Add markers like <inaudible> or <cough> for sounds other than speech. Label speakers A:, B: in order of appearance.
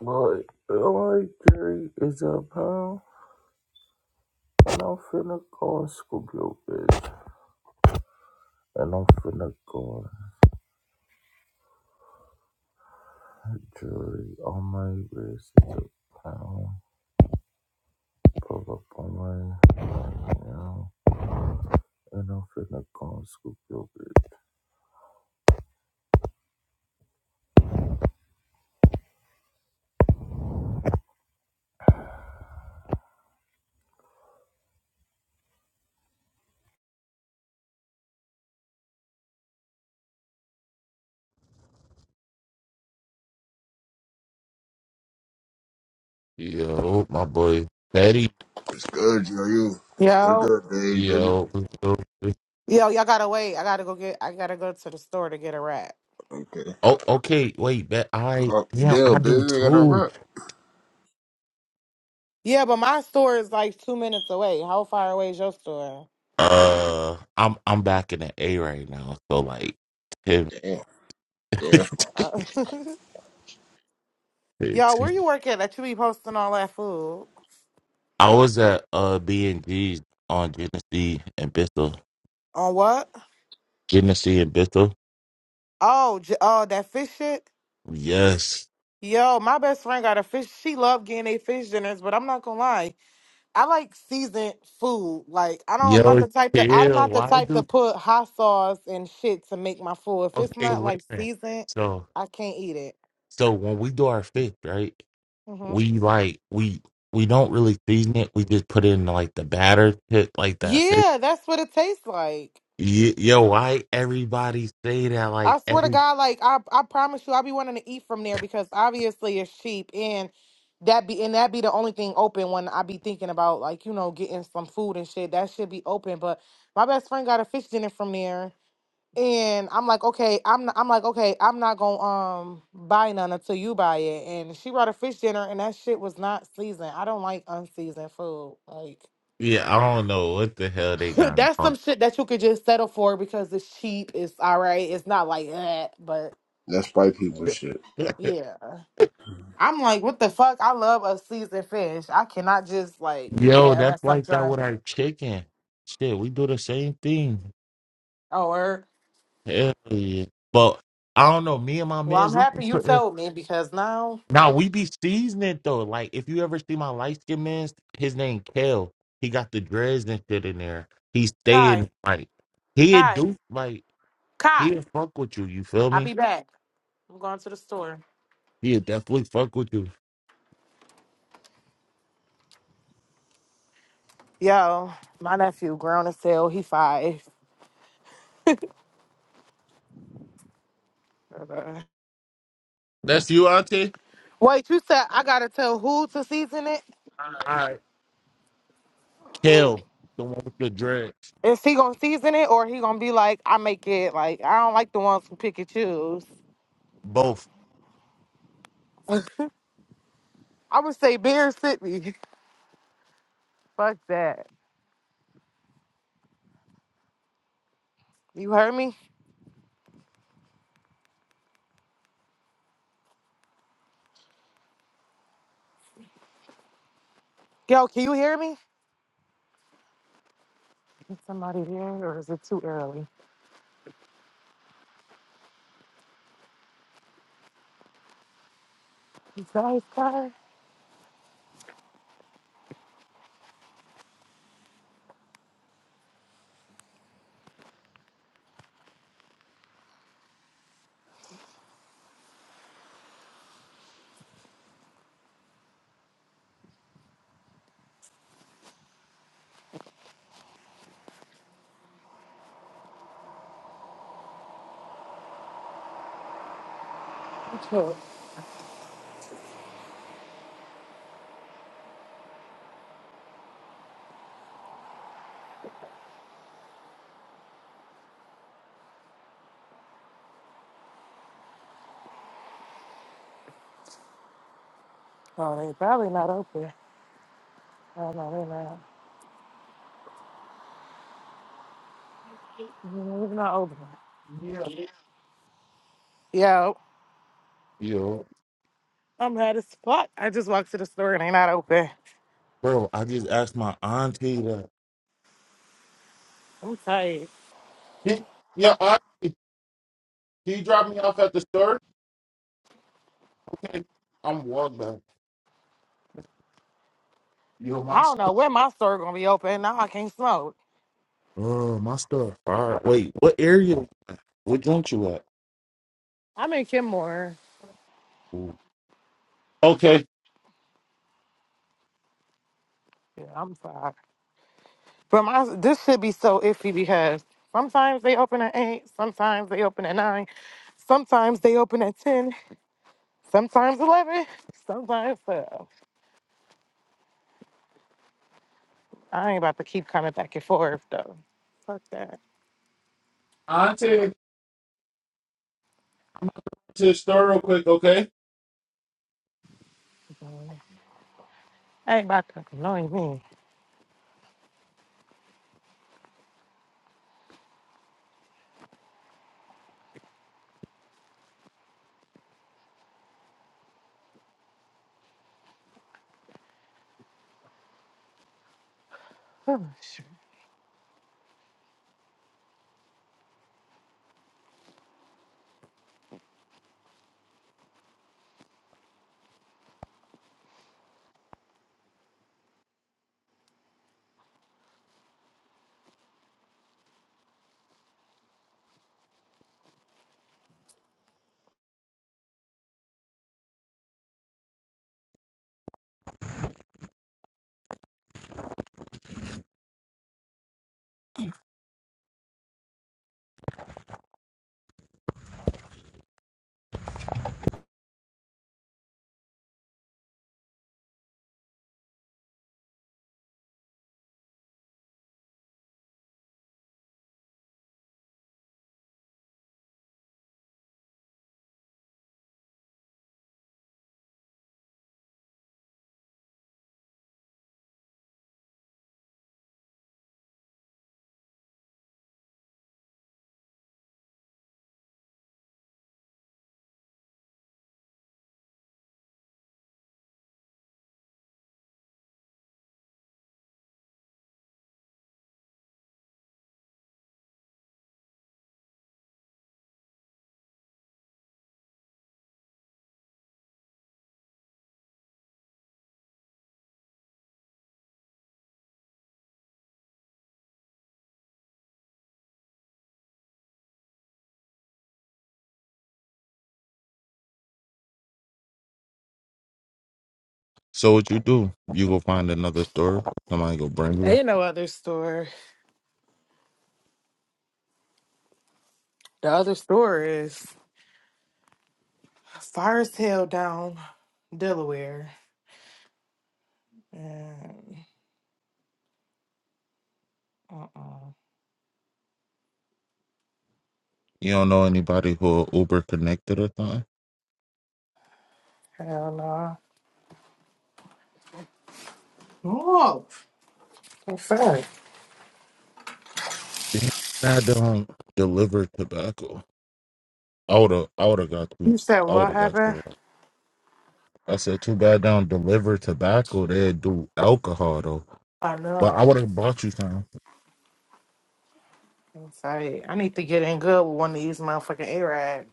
A: But LA Gary is a pound, And I'm finna go scoop your bitch. And I'm finna go jewelry on my wrist is a pound. Pull up on my, you know. And I'm finna go scoop your bitch. Yo, my boy, Betty.
B: It's good, yo, you. What's
C: Yo,
B: up, baby, baby?
A: Yo, yo.
C: yo, y'all gotta wait. I gotta go get. I gotta go to the store to get a wrap.
B: Okay.
A: oh, okay. Wait, that I
B: Call,
A: yeah, I
B: damn,
A: do
B: baby, we got no
A: too.
B: rap.
C: Yeah, but my store is like two minutes away. How far away is your store?
A: Uh, I'm I'm back in the A right now, so like ten.
B: Damn, damn.
C: Uh, <laughs> y'all,
A: <laughs>
C: where you work at? That you be posting all that food
A: I was at uh B and G's on Genesee and Bristol.
C: on what?
A: Genesee and Bristol.
C: Oh, j- oh, that fish shit.
A: Yes.
C: Yo, my best friend got a fish. She love getting a fish dinners, but I'm not gonna lie. I like seasoned food. Like I don't. I'm not
A: Yo,
C: the type to. I'm
A: chill.
C: not the
A: Why
C: type to
A: do
C: put hot sauce and shit to make my food. If it's
A: okay?
C: not like
A: Listen.
C: seasoned,
A: So,
C: I can't eat it.
A: so when we do our fish, right?
C: Mm-hmm.
A: We like we we don't really season it. We just put it in like the batter pit, like that fish.
C: Yeah, that's what it tastes like.
A: Ye- Yo, why everybody say that?
C: I
A: Like
C: swear to
A: every
C: God, like I, I promise you, I'll be wanting to eat from there because obviously it's cheap and that be and that be the only thing open when I be thinking about like you know getting some food and shit. That should be open, but my best friend got a fish dinner from there, and I'm like, okay, I'm not, I'm like, okay, I'm not gonna um buy none until you buy it. And she brought a fish dinner, and that shit was not seasoned. I don't like unseasoned food, like.
A: yeah, I don't know what the hell they
C: <laughs>
A: got
C: That's
A: wrong.
C: some shit that you could just settle for because it's cheap. It's all right. It's not like that, but
B: That's white people shit.
A: <laughs>
C: yeah. I'm like, what the fuck? I love a seasoned fish. I cannot just like eat
A: Yo,
C: that unless
A: that's
C: I'm
A: like that
C: drunk.
A: with our chicken. Shit, we do the same thing.
C: Oh, er.
A: Hell yeah. But I don't know. Me and my
C: well, I'm
A: man's we be
C: happy you
A: putting
C: told me because now,
A: now we be seasoning though. Like if you ever see my light skinned man, his name Kale. He got the dreads and shit in there. He
C: Kai,
A: staying like he'd
C: Kai,
A: do like
C: Kai,
A: he'd fuck with you, you feel
C: I'll
A: me?
C: be back. I'm going to the store.
A: He'd definitely fuck with you.
C: Yo, my nephew grown as hell. He five. <laughs>
A: That's you, Auntie?
C: Uh, Wait, you said I gotta tell who to season it?
A: Alright. Kale, the one with the dreads.
C: Is he gonna season it or he gonna be like, I make it like I don't like the ones who pick and choose.
A: Both.
C: <laughs> I would say Bear City. Fuck that. You heard me? Yo, can you hear me? Is somebody here or is it too early? Is that his car? Sure. Oh, they probably not open. Oh no, they're not. Mm, They're not open.
A: Yeah.
C: Yo,
A: Yo,
C: I'm mad as fuck. I just walked to the store and they not open.
A: bro, I just asked my auntie that.
C: I'm tired.
A: He, yeah, auntie, can you drop me off at the store? I'm walking. down. Yo, my
C: I don't know
A: stuff.
C: when my store gonna be open. Now I can't smoke.
A: Oh, my stuff. All right. Wait, what area? What joint you at?
C: I'm in Kenmore.
A: Okay.
C: Yeah, I'm tired. But my this should be so iffy because sometimes they open at eight, sometimes they open at nine, sometimes they open at ten, sometimes eleven, sometimes twelve. I ain't about to keep coming back and forth though. Fuck that.
A: I'll take you to the store real quick, okay?
C: I ain't about to annoy me. Oh, Shoot.
A: So what you do, you go find another store. Somebody go bring you one.
C: ain't no other store. The other store is far as hell down Delaware. And uh-uh.
A: You don't know anybody who are Uber connected or something?
C: Hell no. Oh, what's that?
A: Damn, I don't deliver tobacco. I would have I would have got you.
C: You said
A: I would
C: what
A: have got
C: happened?
A: you. I said, too bad they don't deliver tobacco. They do alcohol, though.
C: I
A: But I
C: know.
A: would have bought you something.
C: I'm sorry. I need to get in good with one of these motherfucking Arabs.